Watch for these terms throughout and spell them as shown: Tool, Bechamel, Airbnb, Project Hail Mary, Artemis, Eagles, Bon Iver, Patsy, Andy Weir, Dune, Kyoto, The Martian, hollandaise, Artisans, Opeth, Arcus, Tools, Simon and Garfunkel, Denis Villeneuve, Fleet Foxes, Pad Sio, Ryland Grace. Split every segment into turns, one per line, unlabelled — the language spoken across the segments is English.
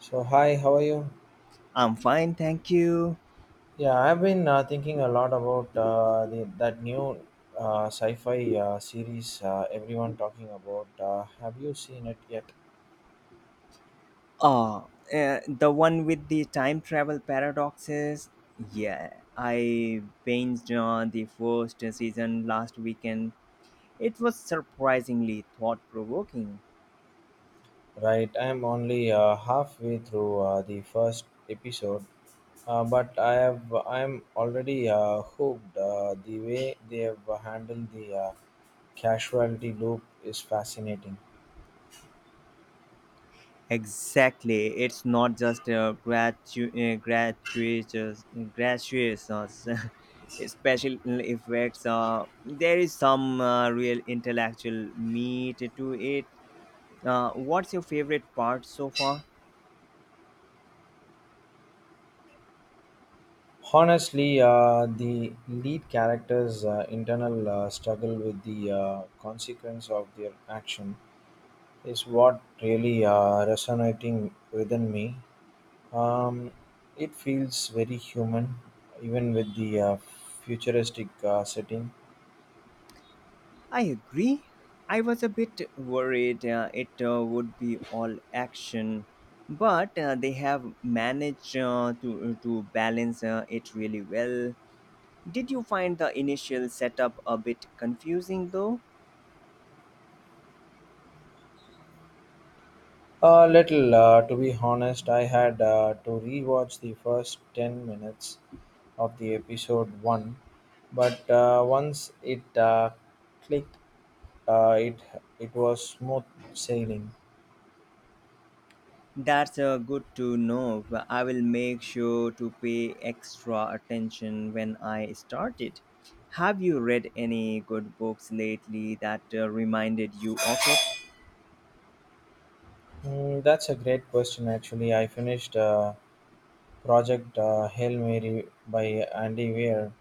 So hi, how are you?
I'm fine, thank you.
Yeah, I've been thinking a lot about that new sci-fi series everyone talking about. Have you seen it yet?
Oh, the one with the time travel paradoxes. Yeah, I binged on the first season last weekend. It was surprisingly thought provoking.
Right, I'm only halfway through the first episode, but I have I'm already hooked. The way they have handled the casualty loop is fascinating.
Exactly, it's not just a gratuitous special effects. There is some real intellectual meat to it. What's your favorite part so far?
Honestly, the lead character's internal struggle with the consequence of their action is what really resonating within me. Um, it feels very human, even with the futuristic setting.
I agree. I was a bit worried it would be all action, but they have managed to balance it really well. Did you find the initial setup a bit confusing though?
A little, to be honest. I had to rewatch the first 10 minutes of the episode 1, but once it clicked, uh, it, it was smooth sailing.
That's good to know, but I will make sure to pay extra attention when I start it. Have you read any good books lately that reminded you of it?
Mm, that's a great question, actually. I finished Project Hail Mary by Andy Weir.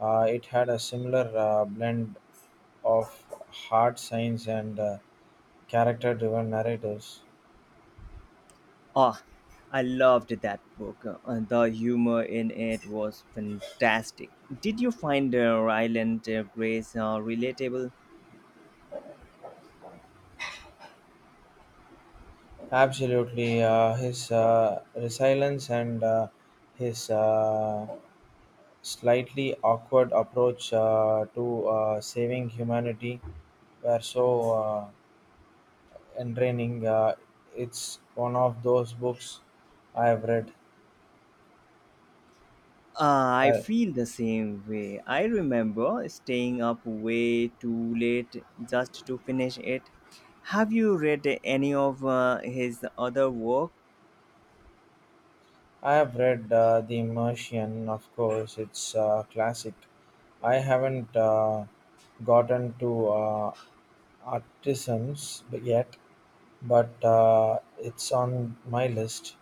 It had a similar blend of hard science and character driven narratives.
Ah, I loved that book. The humor in it was fantastic. Did you find Ryland Grace relatable?
Absolutely, his resilience and his slightly awkward approach to saving humanity were so entertaining. It's one of those books I have read.
Ah, I
I,
feel the same way. I remember staying up way too late just to finish it. Have you read any of his other work?
I have read The Martian, of course. It's a classic. I haven't gotten to Artisans yet, but it's on my list.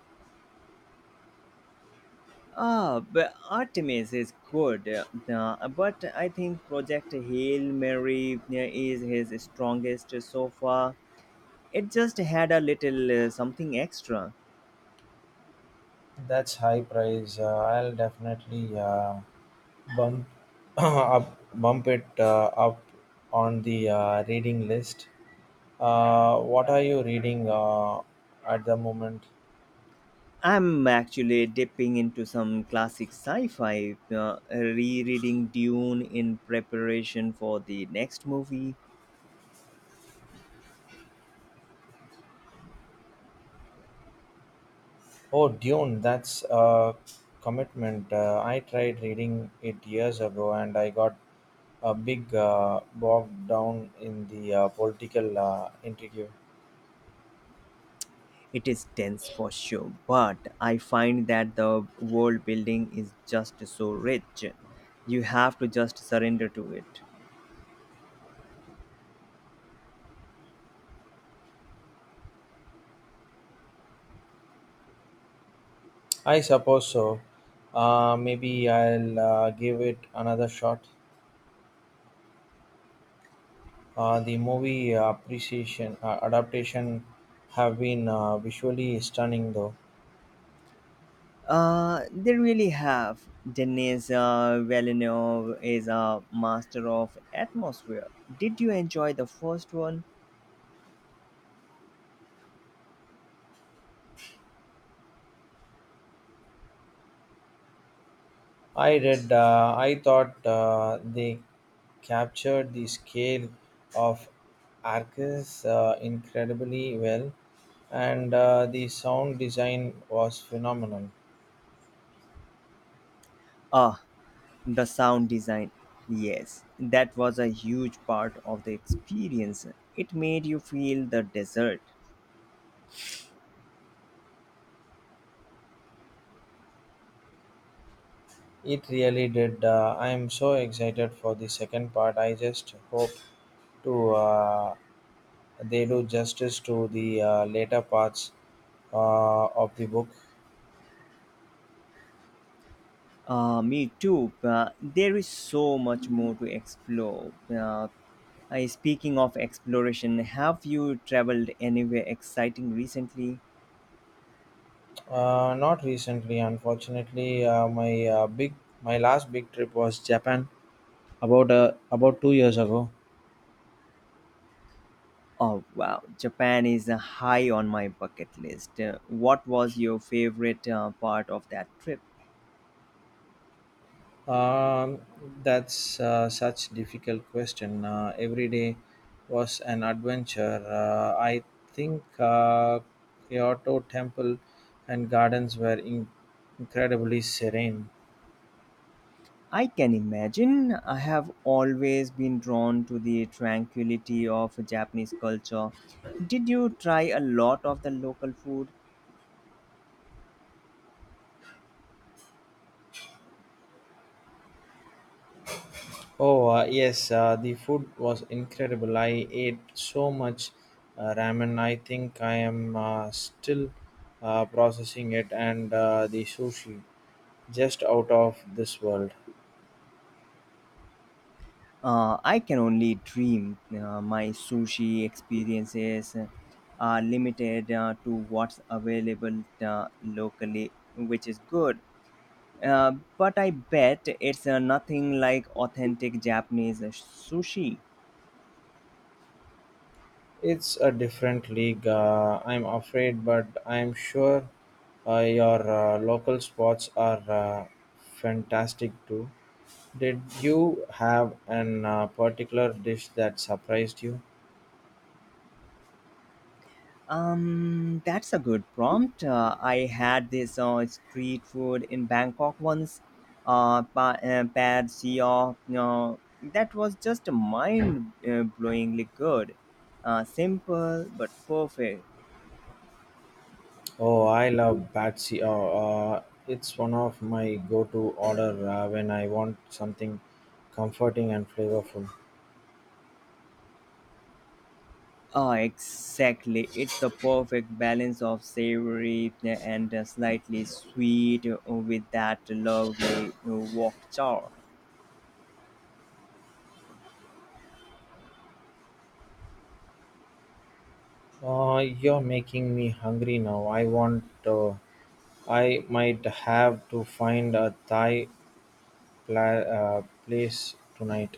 Ah, but Artemis is good, but I think Project Hail Mary is his strongest so far. It just had a little something extra.
That's high price. I'll definitely bump up, bump it up on the reading list. What are you reading at the moment?
I'm actually dipping into some classic sci fi, rereading Dune in preparation for the next movie.
Oh, Dune, that's a commitment. I tried reading it years ago and I got a big bogged down in the political intrigue.
It is dense for sure, but I find that the world building is just so rich. You have to just surrender to it.
I suppose so. Maybe I'll give it another shot. The movie appreciation adaptation have been visually stunning, though.
They really have. Denis Villeneuve is a master of atmosphere. Did you enjoy the first one?
I thought they captured the scale of Arcus incredibly well, and the sound design was phenomenal.
Ah, the sound design, yes, that was a huge part of the experience. It made you feel the desert.
It really did. I am so excited for the second part. I just hope to they do justice to the later parts of the book.
Me too, but there is so much more to explore. Speaking of exploration, have you traveled anywhere exciting recently?
Not recently, unfortunately. My last big trip was Japan. About 2 years ago.
Oh, wow, Japan is high on my bucket list. What was your favorite part of that trip?
Um, that's such difficult question. Every day was an adventure. I think Kyoto temple and gardens were incredibly serene.
I can imagine. I have always been drawn to the tranquility of Japanese culture. Did you try a lot of the local food?
Oh yes, the food was incredible. I ate so much ramen. I think I am still processing it, and the sushi just out of this world.
I can only dream. My sushi experiences are limited to what's available locally, which is good. But I bet it's nothing like authentic Japanese sushi.
It's a different league, I'm afraid, but I'm sure your local sports are fantastic too. Did you have an particular dish that surprised you?
That's a good prompt. I had this street food in Bangkok once, Pad Sio. No, that was just mind-blowingly good. Simple but perfect.
Oh, I love Patsy. It's one of my go-to order when I want something comforting and flavorful.
Ah, exactly. It's the perfect balance of savory and slightly sweet with that lovely wok char.
You're making me hungry now. I want. I might have to find a Thai place tonight.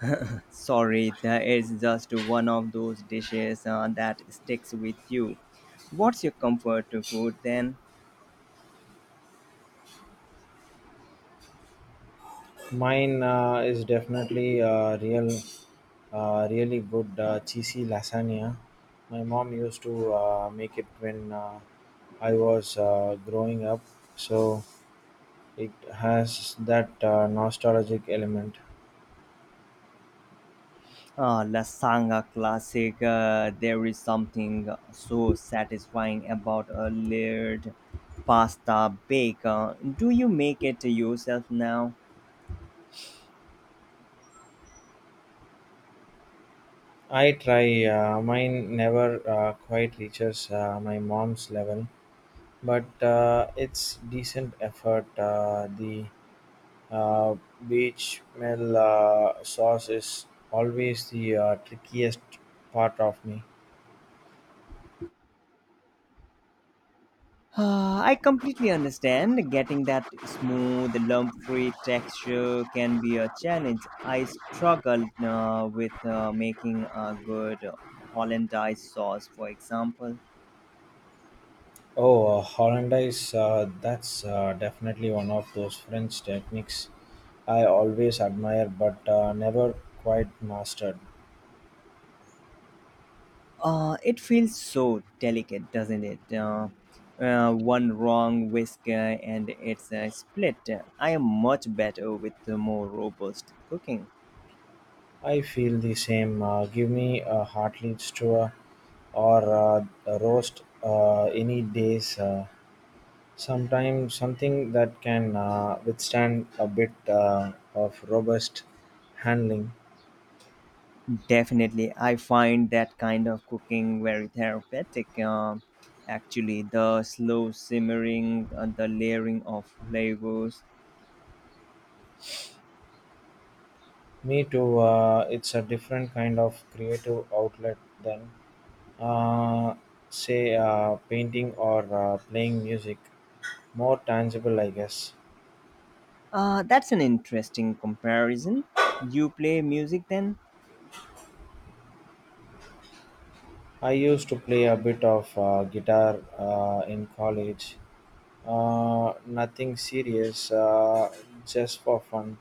Sorry, that is just one of those dishes that sticks with you. What's your comfort food then?
Mine is definitely really good cheesy lasagna. My mom used to make it when I was growing up, so it has that nostalgic element.
Ah, lasagna classic. There is something so satisfying about a layered pasta bake. Do you make it yourself now?
I try. Mine never quite reaches my mom's level, but it's decent effort. The Uh, Bechamel sauce is always the trickiest part of me.
I completely understand. Getting that smooth, lump free texture can be a challenge. I struggle with making a good hollandaise sauce, for example.
Oh, hollandaise, that's definitely one of those French techniques I always admire but never quite mastered.
It feels so delicate, doesn't it? One wrong whisker and it's split. I am much better with the more robust cooking.
I feel the same. Give me a heartlit stew or a roast any days. Sometimes something that can withstand a bit of robust handling.
Definitely, I find that kind of cooking very therapeutic. Actually, the slow simmering and the layering of flavors.
Me too. It's a different kind of creative outlet than, uh, say, painting or playing music. More tangible, I guess.
That's an interesting comparison. You play music then?
I used to play a bit of guitar in college. Nothing serious, just for fun.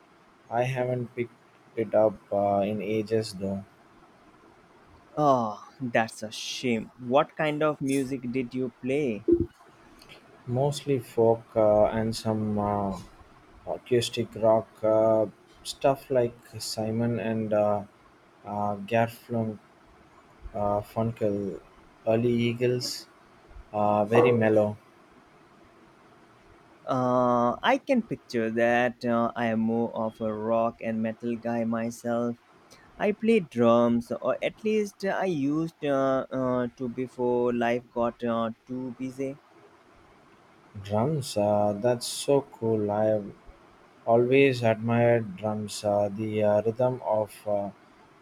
I haven't picked it up in ages though.
Oh, that's a shame. What kind of music did you play?
Mostly folk and some acoustic rock, stuff like Simon and Garfunkel, uh, Funkel, early Eagles, very mellow.
I can picture that. I am more of a rock and metal guy myself. I play drums, or at least I used to before life got too busy.
Drums, that's so cool. I've always admired drums. The rhythm of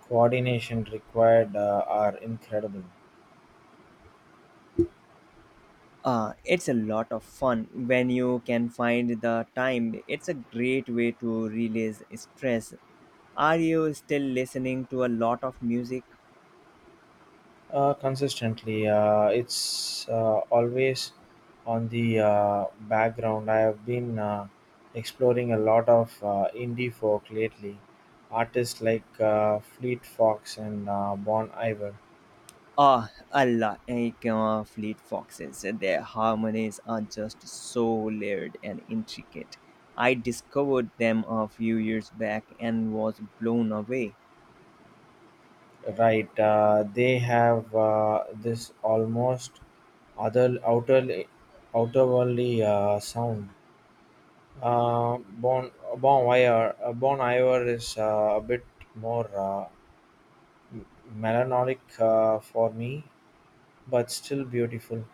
coordination required are incredible.
It's a lot of fun when you can find the time. It's a great way to release stress. Are you still listening to a lot of music?
Consistently, it's always on the background. I have been exploring a lot of indie folk lately. Artists like Fleet Fox and Bon Iver,
Ah, a lot like Fleet Foxes. Their harmonies are just so layered and intricate. I discovered them a few years back and was blown away.
right? They have this almost other outer outerworldly sound. Uh, bon Bon Iver, Bon Iver is a bit more. Melancholic for me, but still beautiful.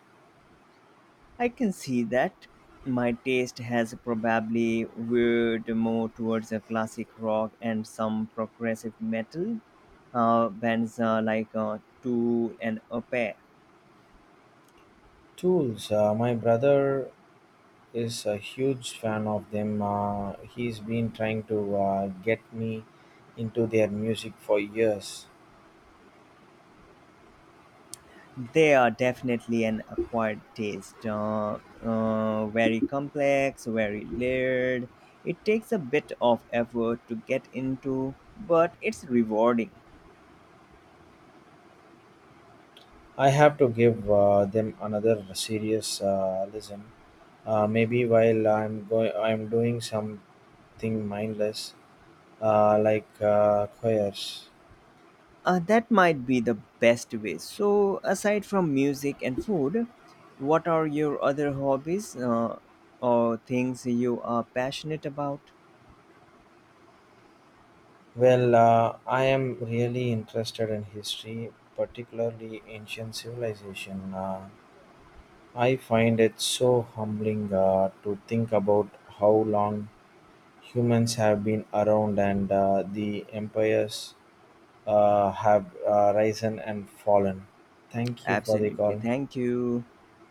I can see that. My taste has probably veered more towards a classic rock and some progressive metal bands like Tool and Opeth.
Tools. My brother is a huge fan of them. He's been trying to get me into their music for years.
They are definitely an acquired taste. Very complex, very layered. It takes a bit of effort to get into, but it's rewarding.
I have to give them another serious listen. Maybe while I'm doing something mindless, like choirs.
That might be the best way. So, aside from music and food, what are your other hobbies or things you are passionate about?
Well, I am really interested in history, particularly ancient civilization. I find it so humbling to think about how long humans have been around and the empires have risen and fallen. Thank you for the
Absolutely.
call.
Thank you.